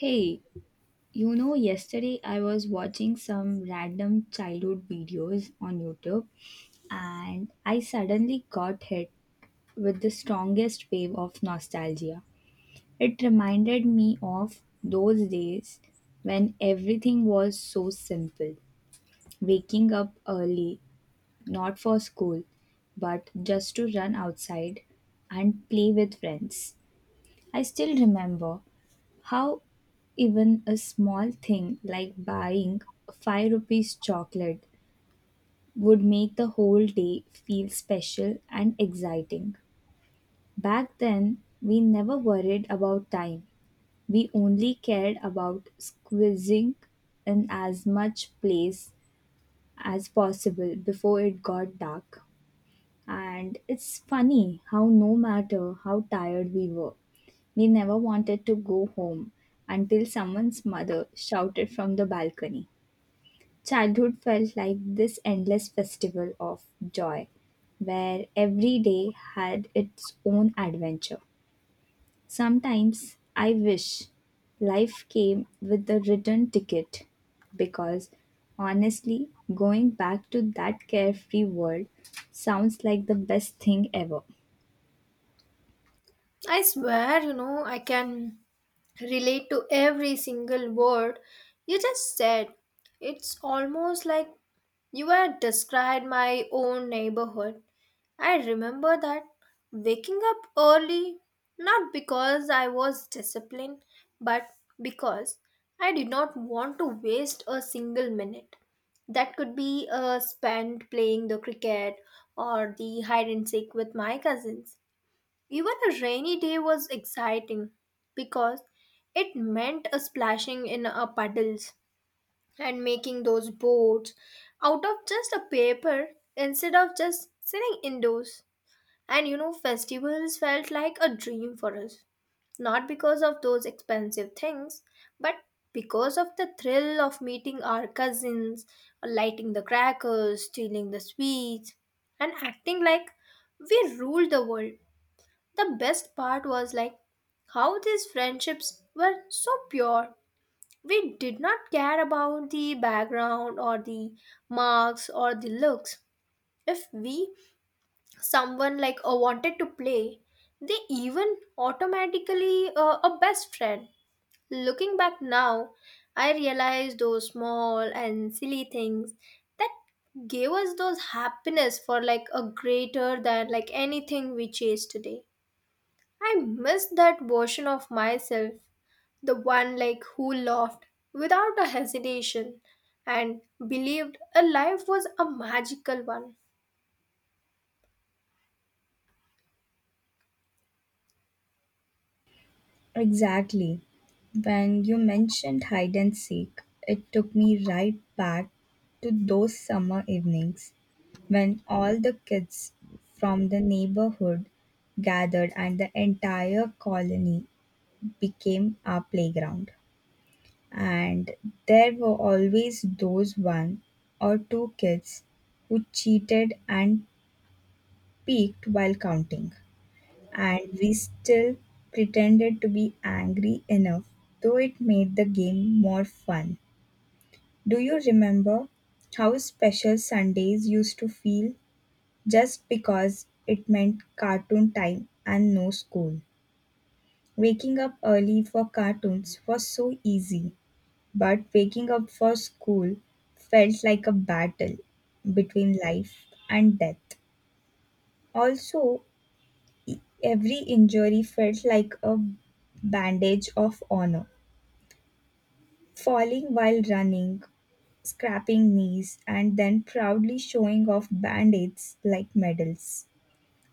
Hey, you know, yesterday I was watching some random childhood videos on YouTube and I suddenly got hit with the strongest wave of nostalgia. It reminded me of those days when everything was so simple. Waking up early, not for school, but just to run outside and play with friends. I still remember how even a small thing like buying a 5 rupees chocolate would make the whole day feel special and exciting. Back then, we never worried about time. We only cared about squeezing in as much place as possible before it got dark. And it's funny how, no matter how tired we were, we never wanted to go home until someone's mother shouted from the balcony. Childhood felt like this endless festival of joy, where every day had its own adventure. Sometimes I wish life came with a return ticket because honestly, going back to that carefree world sounds like the best thing ever. I swear, I can relate to every single word you just said. It's almost like you had described my own neighborhood. I remember that waking up early, not because I was disciplined, but because I did not want to waste a single minute. That could be spent playing the cricket or the hide and seek with my cousins. Even a rainy day was exciting because it meant a splashing in a puddles and making those boats out of just a paper instead of just sitting indoors. And festivals felt like a dream for us, not because of those expensive things, but because of the thrill of meeting our cousins, lighting the crackers, stealing the sweets, and acting like we ruled the world. The best part was like how these friendships were so pure. We did not care about the background or the marks or the looks. If we someone like wanted to play, they even automatically a best friend. Looking back now, I realize those small and silly things that gave us those happiness for like a greater than like anything we chase today. I miss that version of myself, the one like who laughed without a hesitation and believed a life was a magical one. Exactly. When you mentioned hide and seek, it took me right back to those summer evenings when all the kids from the neighborhood gathered and the entire colony became our playground. And there were always those one or two kids who cheated and peeked while counting, and we still pretended to be angry enough, though it made the game more fun. Do you remember how special Sundays used to feel just because it meant cartoon time and no school? Waking up early for cartoons was so easy, but waking up for school felt like a battle between life and death. Also, every injury felt like a bandage of honor. Falling while running, scraping knees, and then proudly showing off band aids like medals.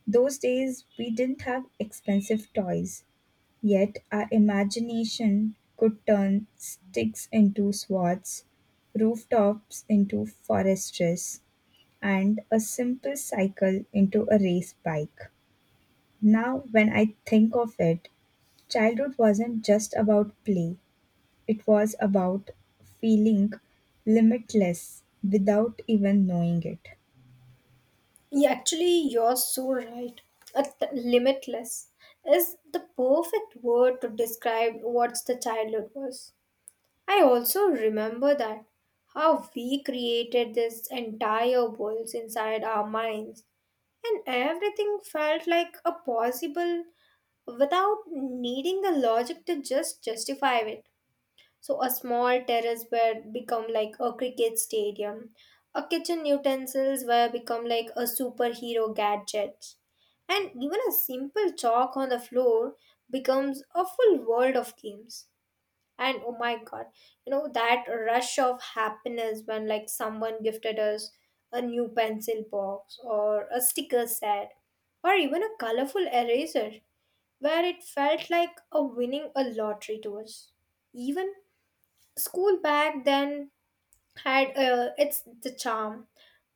Those days, we didn't have expensive toys, yet our imagination could turn sticks into swords, rooftops into foresters, and a simple cycle into a race bike. Now, when I think of it, childhood wasn't just about play, it was about feeling limitless without even knowing it. Yeah, actually, you're so right. Limitless is the perfect word to describe what the childhood was. I also remember that how we created this entire worlds inside our minds and everything felt like a possible without needing the logic to just justify it. So a small terrace bed become like a cricket stadium. A kitchen utensils were become like a superhero gadget. And even a simple chalk on the floor becomes a full world of games. And oh my god, you know that rush of happiness when like someone gifted us a new pencil box or a sticker set or even a colorful eraser where it felt like a winning a lottery to us. Even school back then had its the charm,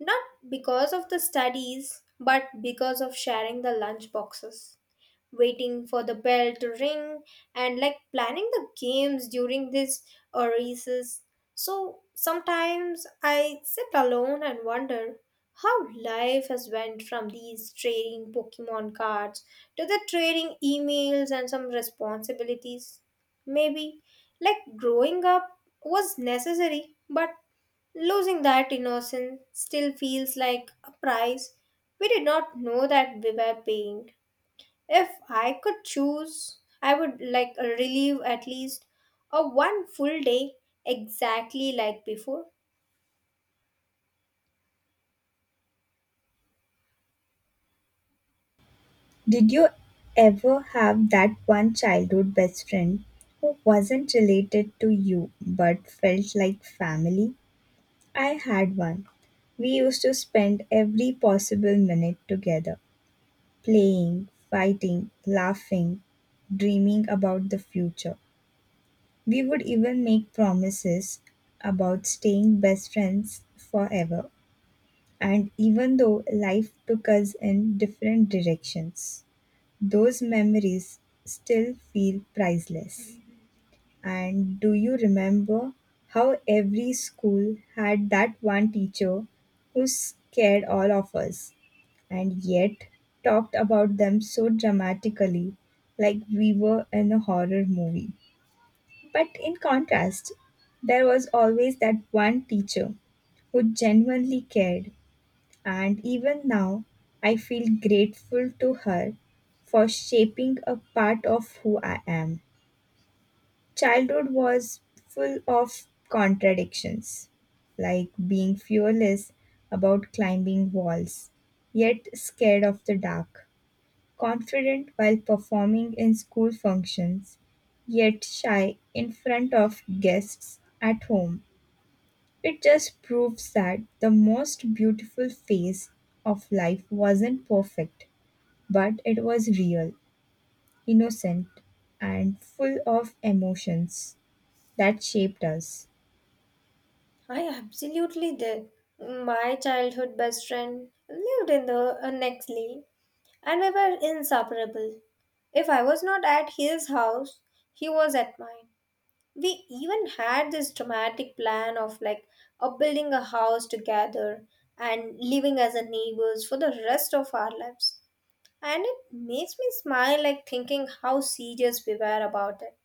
not because of the studies, but because of sharing the lunch boxes waiting for the bell to ring and like planning the games during this recess. So sometimes I sit alone and wonder how life has went from these trading Pokemon cards to the trading emails and some responsibilities. Maybe like growing up was necessary, but losing that innocence still feels like a price we did not know that we were paying. If I could choose, I would like relive at least a one full day exactly like before. Did you ever have that one childhood best friend who wasn't related to you but felt like family? I had one. We used to spend every possible minute together, playing, fighting, laughing, dreaming about the future. We would even make promises about staying best friends forever. And even though life took us in different directions, those memories still feel priceless. And do you remember how every school had that one teacher who scared all of us and yet talked about them so dramatically like we were in a horror movie? But in contrast, there was always that one teacher who genuinely cared, and even now I feel grateful to her for shaping a part of who I am. Childhood was full of contradictions, like being fearless about climbing walls, yet scared of the dark, confident while performing in school functions, yet shy in front of guests at home. It just proves that the most beautiful phase of life wasn't perfect, but it was real, innocent, and full of emotions that shaped us. I absolutely did. My childhood best friend lived in the next lane and we were inseparable. If I was not at his house, he was at mine. We even had this dramatic plan of like building a house together and living as a neighbors for the rest of our lives. And it makes me smile, like thinking how serious we were about it.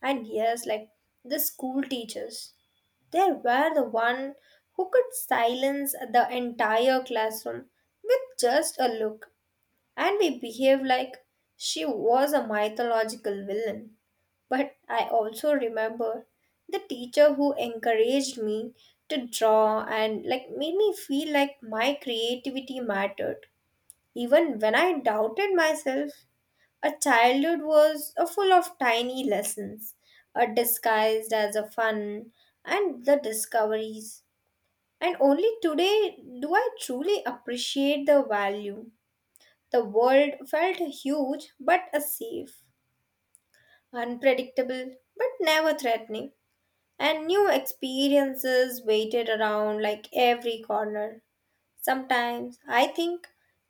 And yes, like the school teachers, they were the one who could silence the entire classroom with just a look. And we behaved like she was a mythological villain. But I also remember the teacher who encouraged me to draw and like made me feel like my creativity mattered, even when I doubted myself. A childhood was a full of tiny lessons, a disguised as a fun and the discoveries. And only today do I truly appreciate the value. The world felt huge but a safe, unpredictable but never threatening. And new experiences waited around like every corner. Sometimes I think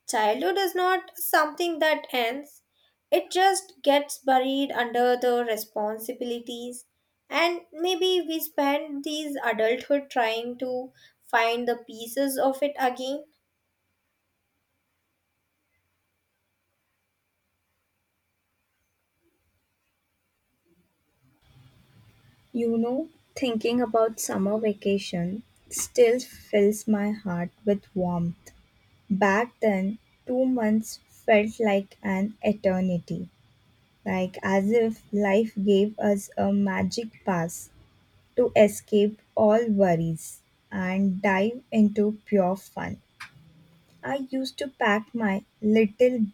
childhood is not something that ends, it just gets buried under the responsibilities, and maybe we spend these adulthood trying to find the pieces of it again. You know, thinking about summer vacation still fills my heart with warmth. Back then, 2 months felt like an eternity, like as if life gave us a magic pass to escape all worries and dive into pure fun. I used to pack my little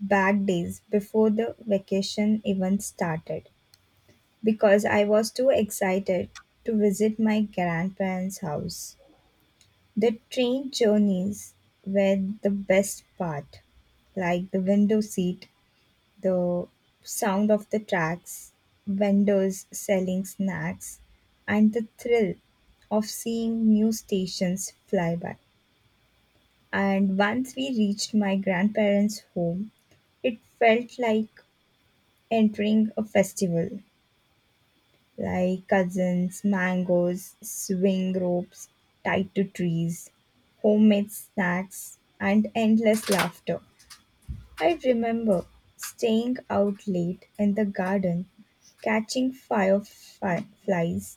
bag days before the vacation even started because I was too excited to visit my grandparents' house. The train journeys were the best part, like the window seat, the sound of the tracks, vendors selling snacks, and the thrill of seeing new stations fly by. And once we reached my grandparents' home, it felt like entering a festival. Like cousins, mangoes, swing ropes tied to trees, homemade snacks, and endless laughter. I remember staying out late in the garden, catching fireflies,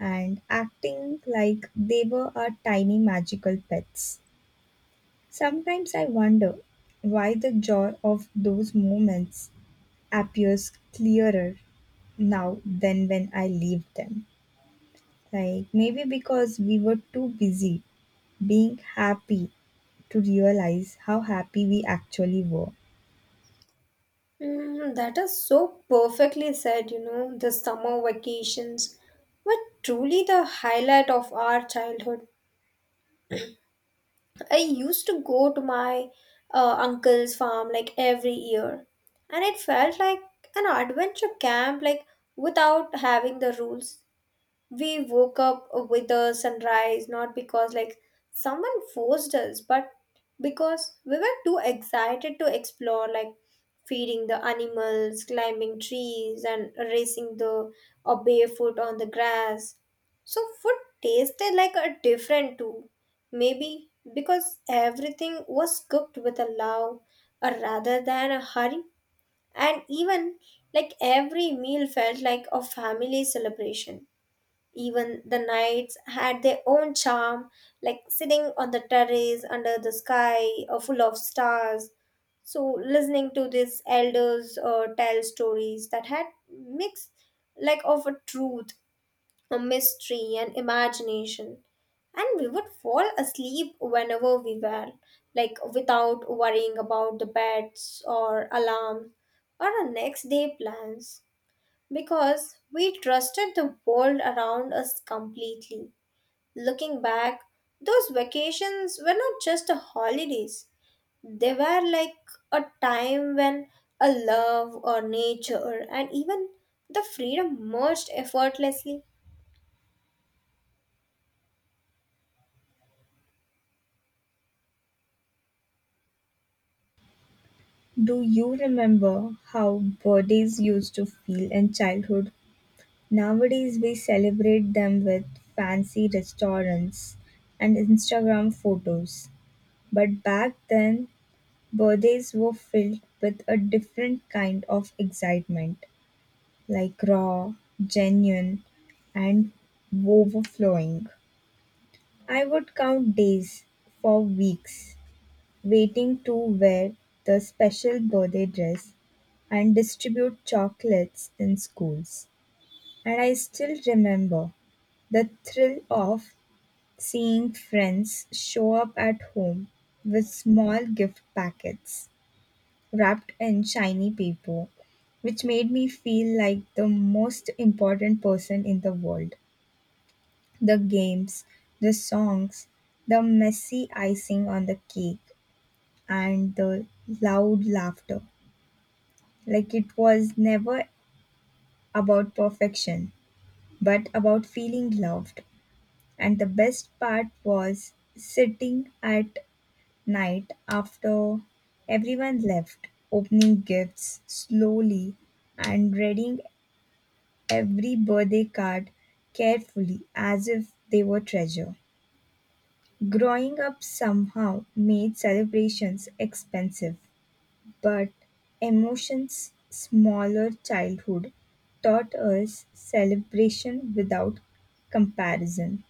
and acting like they were our tiny magical pets. Sometimes I wonder why the joy of those moments appears clearer now than when I leave them. Like maybe because we were too busy being happy to realize how happy we actually were. Mm, that is so perfectly said, the summer vacations were truly the highlight of our childhood. I used to go to my uncle's farm like every year, and it felt like an adventure camp, like without having the rules. We woke up with the sunrise not because like someone forced us but because we were too excited to explore, like feeding the animals, climbing trees, and racing the or barefoot on the grass. So food tasted like a different too, maybe because everything was cooked with a love rather than a hurry. And even like every meal felt like a family celebration. Even the nights had their own charm, like sitting on the terrace under the sky full of stars. So, listening to these elders tell stories that had mix like of a truth, a mystery, and imagination. And we would fall asleep whenever we were, like without worrying about the beds or alarms or our next day plans because we trusted the world around us completely. Looking back, those vacations were not just a holidays. They were like a time when a love or nature and even the freedom merged effortlessly. Do you remember how birthdays used to feel in childhood? Nowadays, we celebrate them with fancy restaurants and Instagram photos. But back then, birthdays were filled with a different kind of excitement, like raw, genuine, and overflowing. I would count days for weeks, waiting to wear the special birthday dress and distribute chocolates in schools. And I still remember the thrill of seeing friends show up at home with small gift packets wrapped in shiny paper, which made me feel like the most important person in the world. The games, the songs, the messy icing on the cake and the loud laughter. Like it was never about perfection, but about feeling loved. And the best part was sitting at night after everyone left, opening gifts slowly and reading every birthday card carefully as if they were treasure. Growing up somehow made celebrations expensive. But Emotion's smaller childhood taught us celebration without comparison.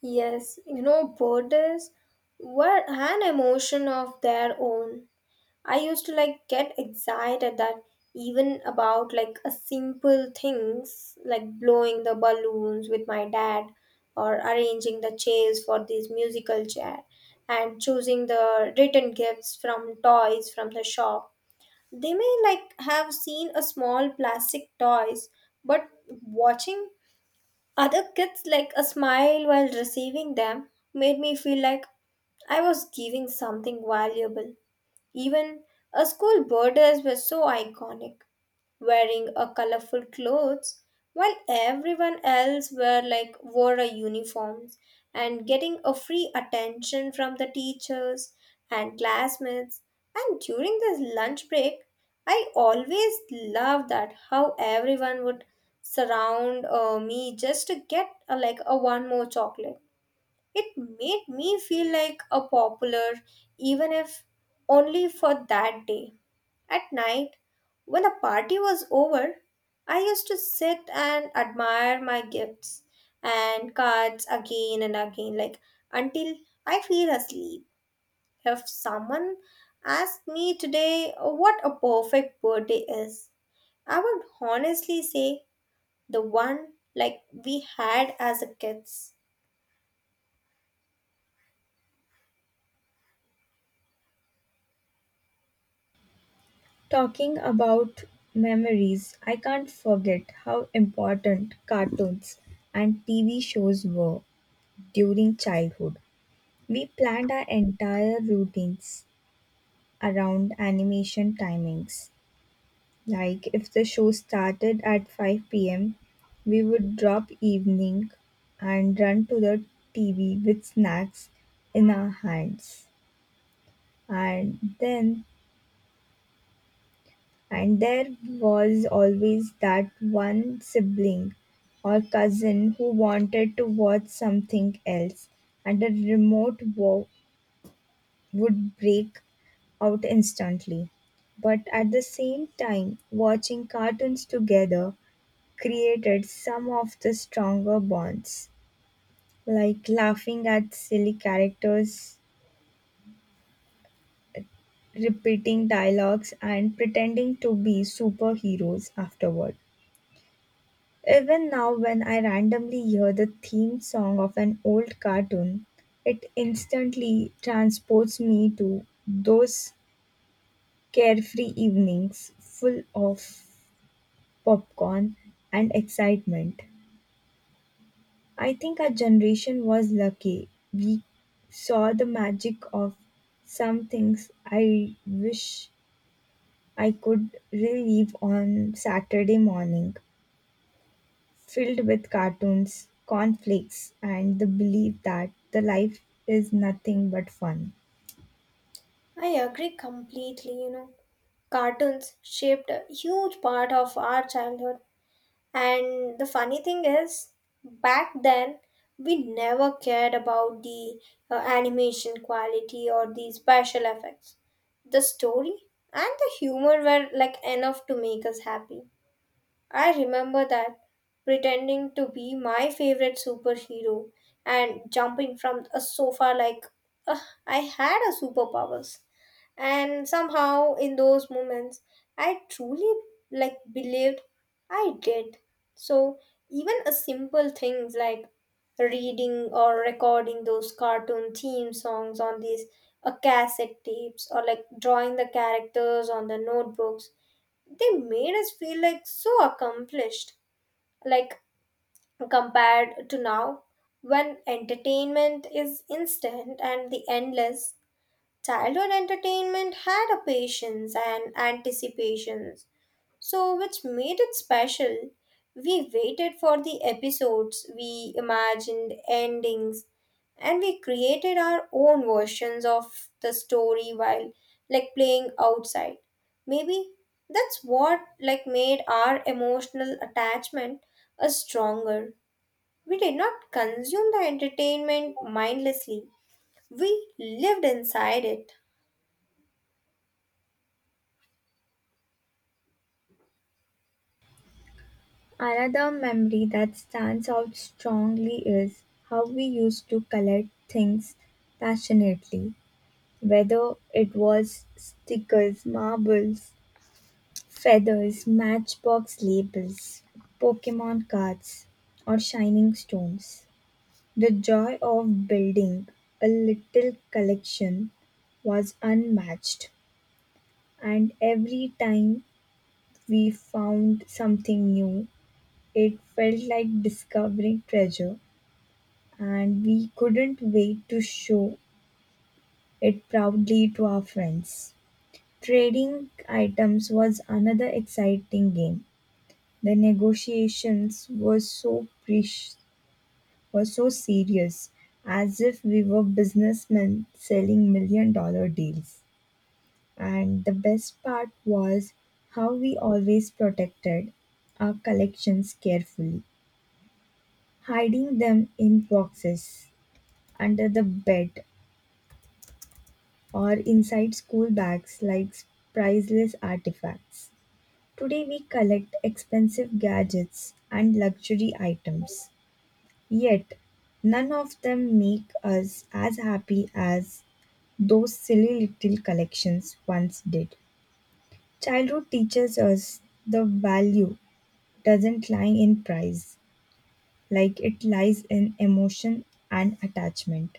Yes, borders were an emotion of their own. I used to like get excited that even about like a simple things like blowing the balloons with my dad or arranging the chairs for this musical chair and choosing the written gifts from toys from the shop. They may like have seen a small plastic toys, but watching other kids like a smile while receiving them made me feel like I was giving something valuable. Even our school birders were so iconic, wearing a colorful clothes while everyone else were like wore a uniforms and getting a free attention from the teachers and classmates. And during this lunch break, I always loved that how everyone would surround me just to get like a one more chocolate. It made me feel like a popular, even if only for that day. At night, when the party was over, I used to sit and admire my gifts and cards again and again, like until I feel asleep. If someone asked me today what a perfect birthday is, I would honestly say the one like we had as a kids. Talking about memories, I can't forget how important cartoons and TV shows were during childhood. We planned our entire routines around animation timings. Like if the show started at 5 p.m., we would drop evening and run to the TV with snacks in our hands. And then and there was always that one sibling or cousin who wanted to watch something else and the remote would break out instantly. But at the same time, watching cartoons together created some of the stronger bonds, like laughing at silly characters, repeating dialogues, and pretending to be superheroes afterward. Even now, when I randomly hear the theme song of an old cartoon, it instantly transports me to those carefree evenings full of popcorn and excitement. I think our generation was lucky. We saw the magic of some things I wish I could relive on Saturday morning, filled with cartoons, conflicts, and the belief that the life is nothing but fun. I agree completely. Cartoons shaped a huge part of our childhood. And the funny thing is, back then, we never cared about the animation quality or the special effects. The story and the humor were like enough to make us happy. I remember that pretending to be my favorite superhero and jumping from a sofa like "Ugh, I had a superpowers, and somehow in those moments I truly like believed I did." So even a simple things like reading or recording those cartoon theme songs on these cassette tapes or like drawing the characters on the notebooks, they made us feel like so accomplished, like compared to now when entertainment is instant and the endless. Childhood entertainment had a patience and anticipations, so which made it special. We waited for the episodes, we imagined endings, and we created our own versions of the story while like playing outside. Maybe that's what like made our emotional attachment a stronger. We did not consume the entertainment mindlessly. We lived inside it. Another memory that stands out strongly is how we used to collect things passionately, whether it was stickers, marbles, feathers, matchbox labels, Pokemon cards, or shining stones. The joy of building a little collection was unmatched, and every time we found something new, it felt like discovering treasure, and we couldn't wait to show it proudly to our friends. Trading items was another exciting game. The negotiations were so were so serious, as if we were businessmen selling million dollar deals. And the best part was how we always protected our collections carefully, hiding them in boxes, under the bed, or inside school bags like priceless artifacts. Today we collect expensive gadgets and luxury items. Yet, none of them make us as happy as those silly little collections once did. Childhood teaches us the value doesn't lie in price, like it lies in emotion and attachment.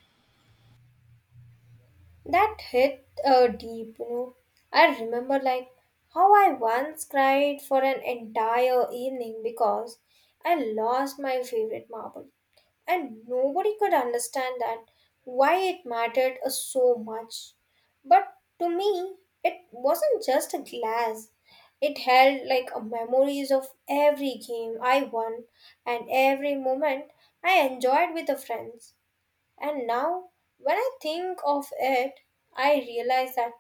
That hit deep. I remember like how I once cried for an entire evening because I lost my favorite marble, and nobody could understand that why it mattered so much. But to me, it wasn't just a glass. It held like a memories of every game I won and every moment I enjoyed with the friends. And now, when I think of it, I realize that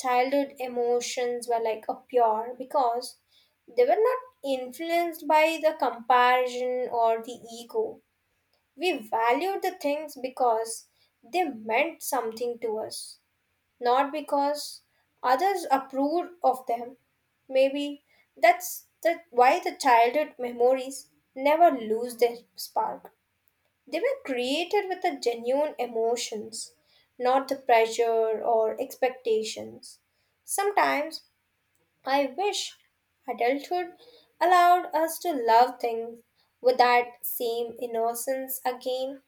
childhood emotions were like a pure because they were not influenced by the comparison or the ego. We valued the things because they meant something to us, not because others approved of them. Maybe that's the, why the childhood memories never lose their spark. They were created with the genuine emotions, not the pressure or expectations. Sometimes I wish adulthood allowed us to love things with that same innocence again.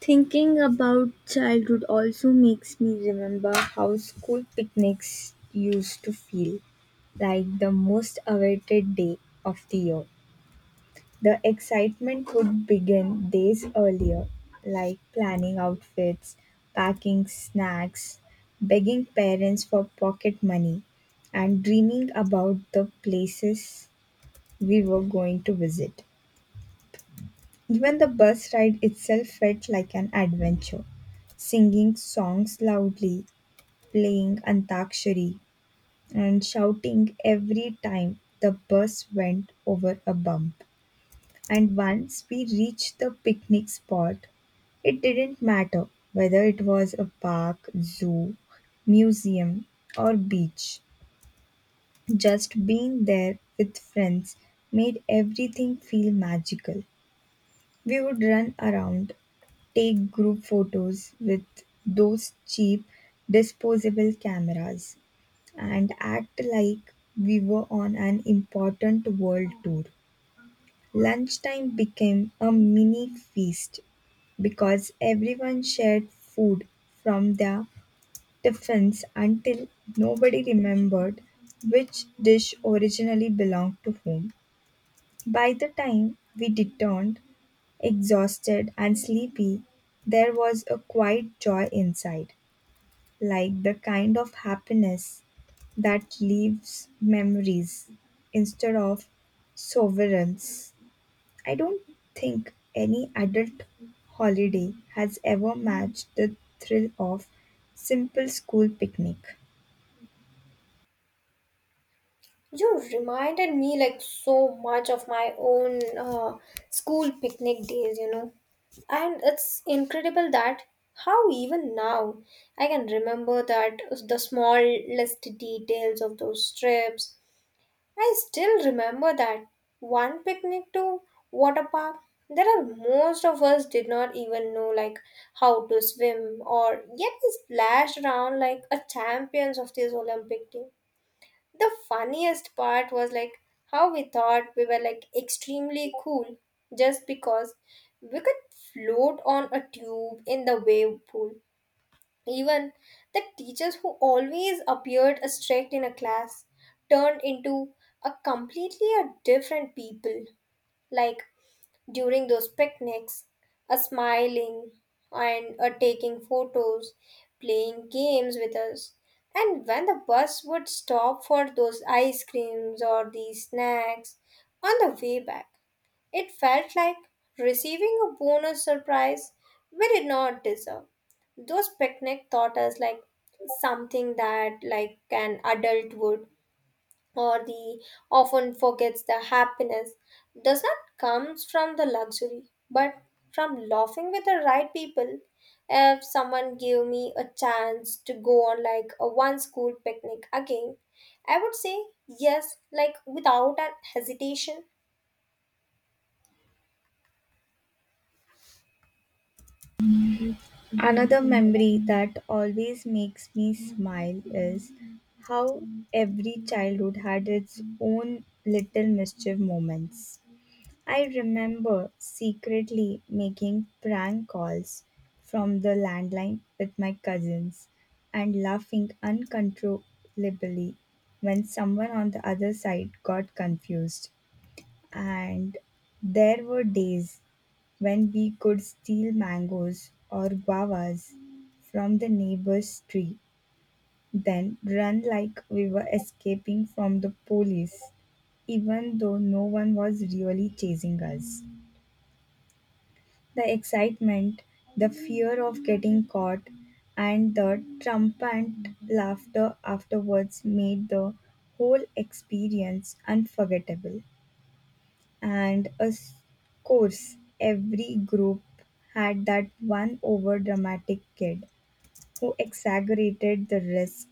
Thinking about childhood also makes me remember how school picnics used to feel like the most awaited day of the year. The excitement would begin days earlier, like planning outfits, packing snacks, begging parents for pocket money, and dreaming about the places we were going to visit. Even the bus ride itself felt like an adventure. Singing songs loudly, playing Antakshari, and shouting every time the bus went over a bump. And once we reached the picnic spot, it didn't matter whether it was a park, zoo, museum, or beach. Just being there with friends made everything feel magical. We would run around, take group photos with those cheap disposable cameras, and act like we were on an important world tour. Lunchtime became a mini feast because everyone shared food from their tiffins until nobody remembered which dish originally belonged to whom. By the time we returned, exhausted and sleepy, there was a quiet joy inside, like the kind of happiness that leaves memories instead of sovereigns. I don't think any adult holiday has ever matched the thrill of simple school picnic. You reminded me like so much of my own school picnic days. And it's incredible that how even now I can remember that the smallest details of those trips. I still remember that one picnic to water park. There are most of us did not even know like how to swim or yet we splashed around like a champions of this Olympic team. The funniest part was like how we thought we were like extremely cool just because we could float on a tube in the wave pool. Even the teachers who always appeared strict in a class turned into a completely a different people. Like during those picnics, a smiling and a taking photos, playing games with us. And when the bus would stop for those ice creams or these snacks on the way back, it felt like receiving a bonus surprise we did not deserve. Those picnic taught us like something that like an adult would or the often forgets. The happiness does not comes from the luxury but from laughing with the right people. If someone gave me a chance to go on like a one school picnic again, I would say yes like without an hesitation. Another memory that always makes me smile is how every childhood had its own little mischief moments. I remember secretly making prank calls from the landline with my cousins and laughing uncontrollably when someone on the other side got confused. And there were days when we could steal mangoes or guavas from the neighbor's tree, then run like we were escaping from the police, even though no one was really chasing us. The excitement, the fear of getting caught, and the triumphant laughter afterwards made the whole experience unforgettable. And of course, every group had that one over dramatic kid who exaggerated the risk,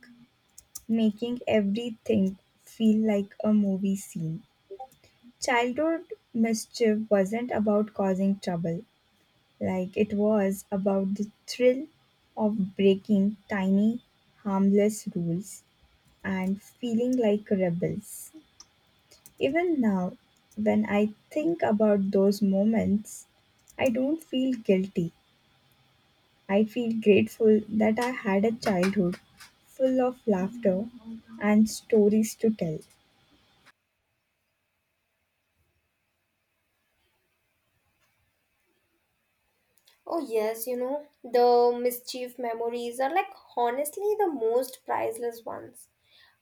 making everything feel like a movie scene. Childhood mischief wasn't about causing trouble, like it was about the thrill of breaking tiny, harmless rules and feeling like rebels. Even now, when I think about those moments, I don't feel guilty. I feel grateful that I had a childhood full of laughter and stories to tell. Oh, yes, the mischief memories are like honestly the most priceless ones.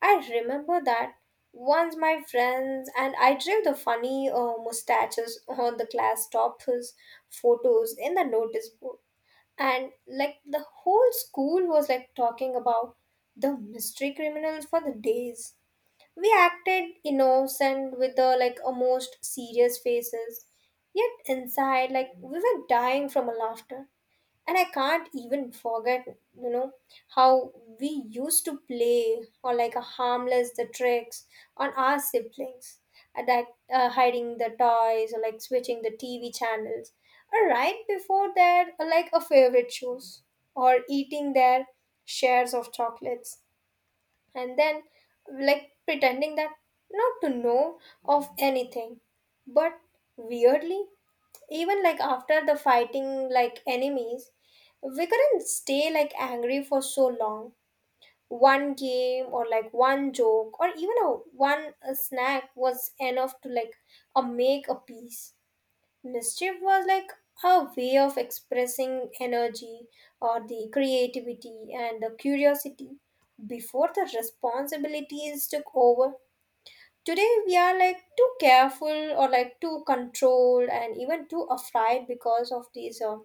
I remember that once my friends and I drew the funny mustaches on the class toppers photos in the notice board. And like the whole school was like talking about the mystery criminals for the days. We acted innocent with the like a most serious faces, yet inside like we were dying from a laughter. And I can't even forget you know how we used to play or like a harmless the tricks on our siblings that hiding the toys or like switching the TV channels or right before that like a favorite shows or eating their shares of chocolates and then like pretending that not to know of anything. But weirdly even like after the fighting like enemies, we couldn't stay like angry for so long. One game or like one joke or even a one a snack was enough to like a make a peace. Mischief was like a way of expressing energy or the creativity and the curiosity before the responsibilities took over. Today we are like too careful or like too controlled and even too afraid because of these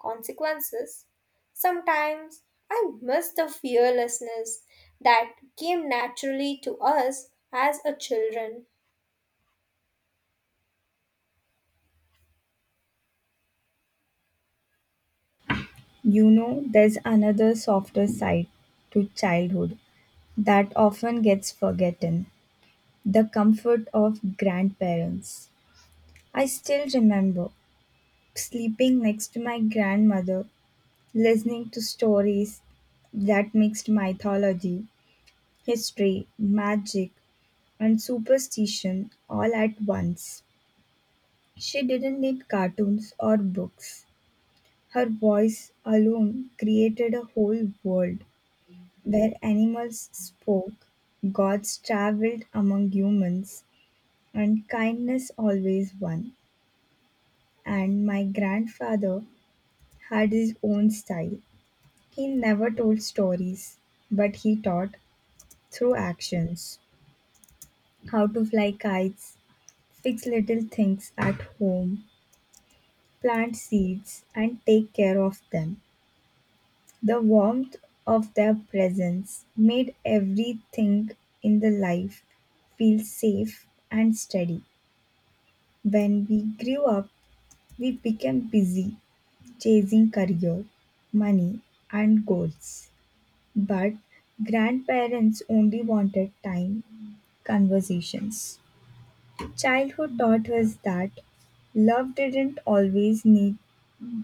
consequences. Sometimes I miss the fearlessness that came naturally to us as a children. You know, there's another softer side to childhood that often gets forgotten. The comfort of grandparents. I still remember sleeping next to my grandmother, listening to stories that mixed mythology, history, magic, and superstition all at once. She didn't need cartoons or books. Her voice alone created a whole world where animals spoke, gods traveled among humans, and kindness always won. And my grandfather had his own style. He never told stories, but he taught through actions how to fly kites, fix little things at home, plant seeds, and take care of them. The warmth of their presence made everything in the life feel safe and steady. When we grew up, we became busy chasing career, money, and goals. But grandparents only wanted time, conversations. Childhood taught us that love didn't always need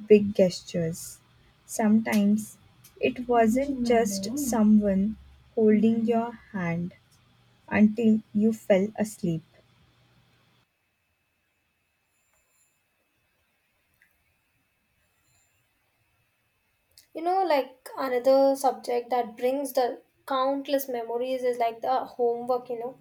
big gestures. Sometimes it wasn't just someone holding your hand until you fell asleep. Like another subject that brings the countless memories is like the homework,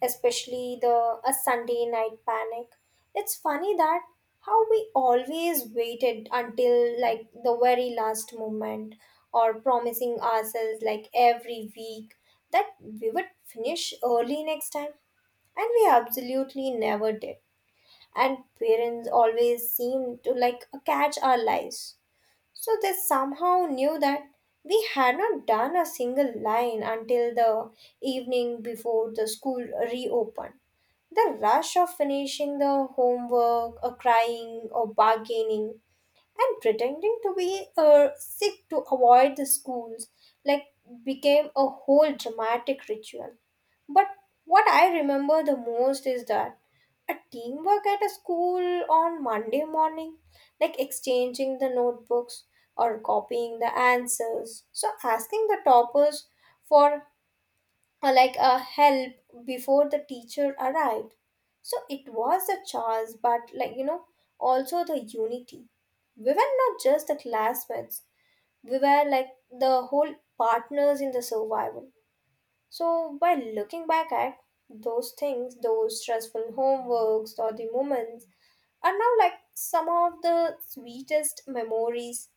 especially the a Sunday night panic. It's funny that how we always waited until like the very last moment or promising ourselves like every week that we would finish early next time, and we absolutely never did, and parents always seem to like catch our lives, so they somehow knew that we had not done a single line until the evening before the school reopened. The rush of finishing the homework, or crying, or bargaining and pretending to be sick to avoid the schools like became a whole dramatic ritual. But what I remember the most is that a teamwork at a school on Monday morning, like exchanging the notebooks or copying the answers so asking the toppers for or like a help before the teacher arrived. So it was a chance, but like also the unity. We were not just the classmates, we were like the whole partners in the survival. So by looking back at those things, those stressful homeworks or the moments are now like some of the sweetest memories,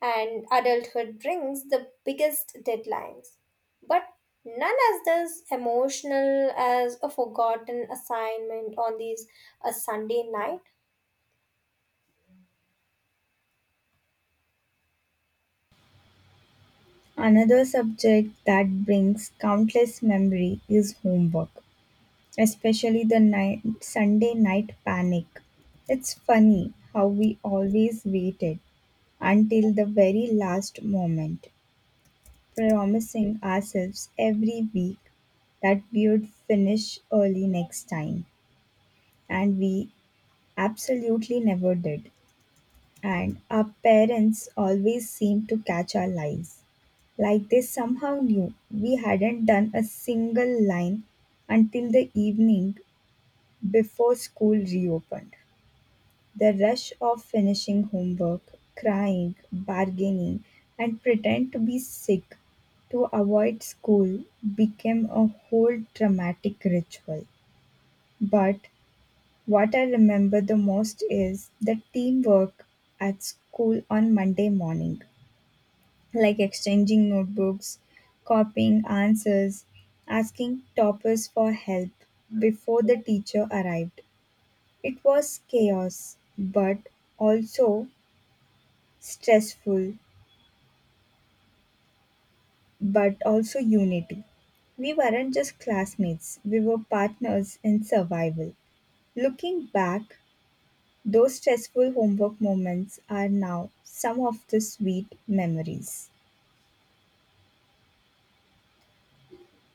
and adulthood brings the biggest deadlines. But none as this emotional as a forgotten assignment on these a Sunday night. Another subject that brings countless memory is homework, especially the night Sunday night panic. It's funny how we always waited until the very last moment, promising ourselves every week that we would finish early next time, and we absolutely never did. And our parents always seemed to catch our lies, like they somehow knew we hadn't done a single line until the evening before school reopened. The rush of finishing homework, crying, bargaining, and pretend to be sick to avoid school became a whole dramatic ritual. But what I remember the most is the teamwork at school on Monday morning, like exchanging notebooks, copying answers, asking toppers for help before the teacher arrived. It was chaos, but also stressful, but also unity. We weren't just classmates, we were partners in survival. Looking back, those stressful homework moments are now some of the sweet memories.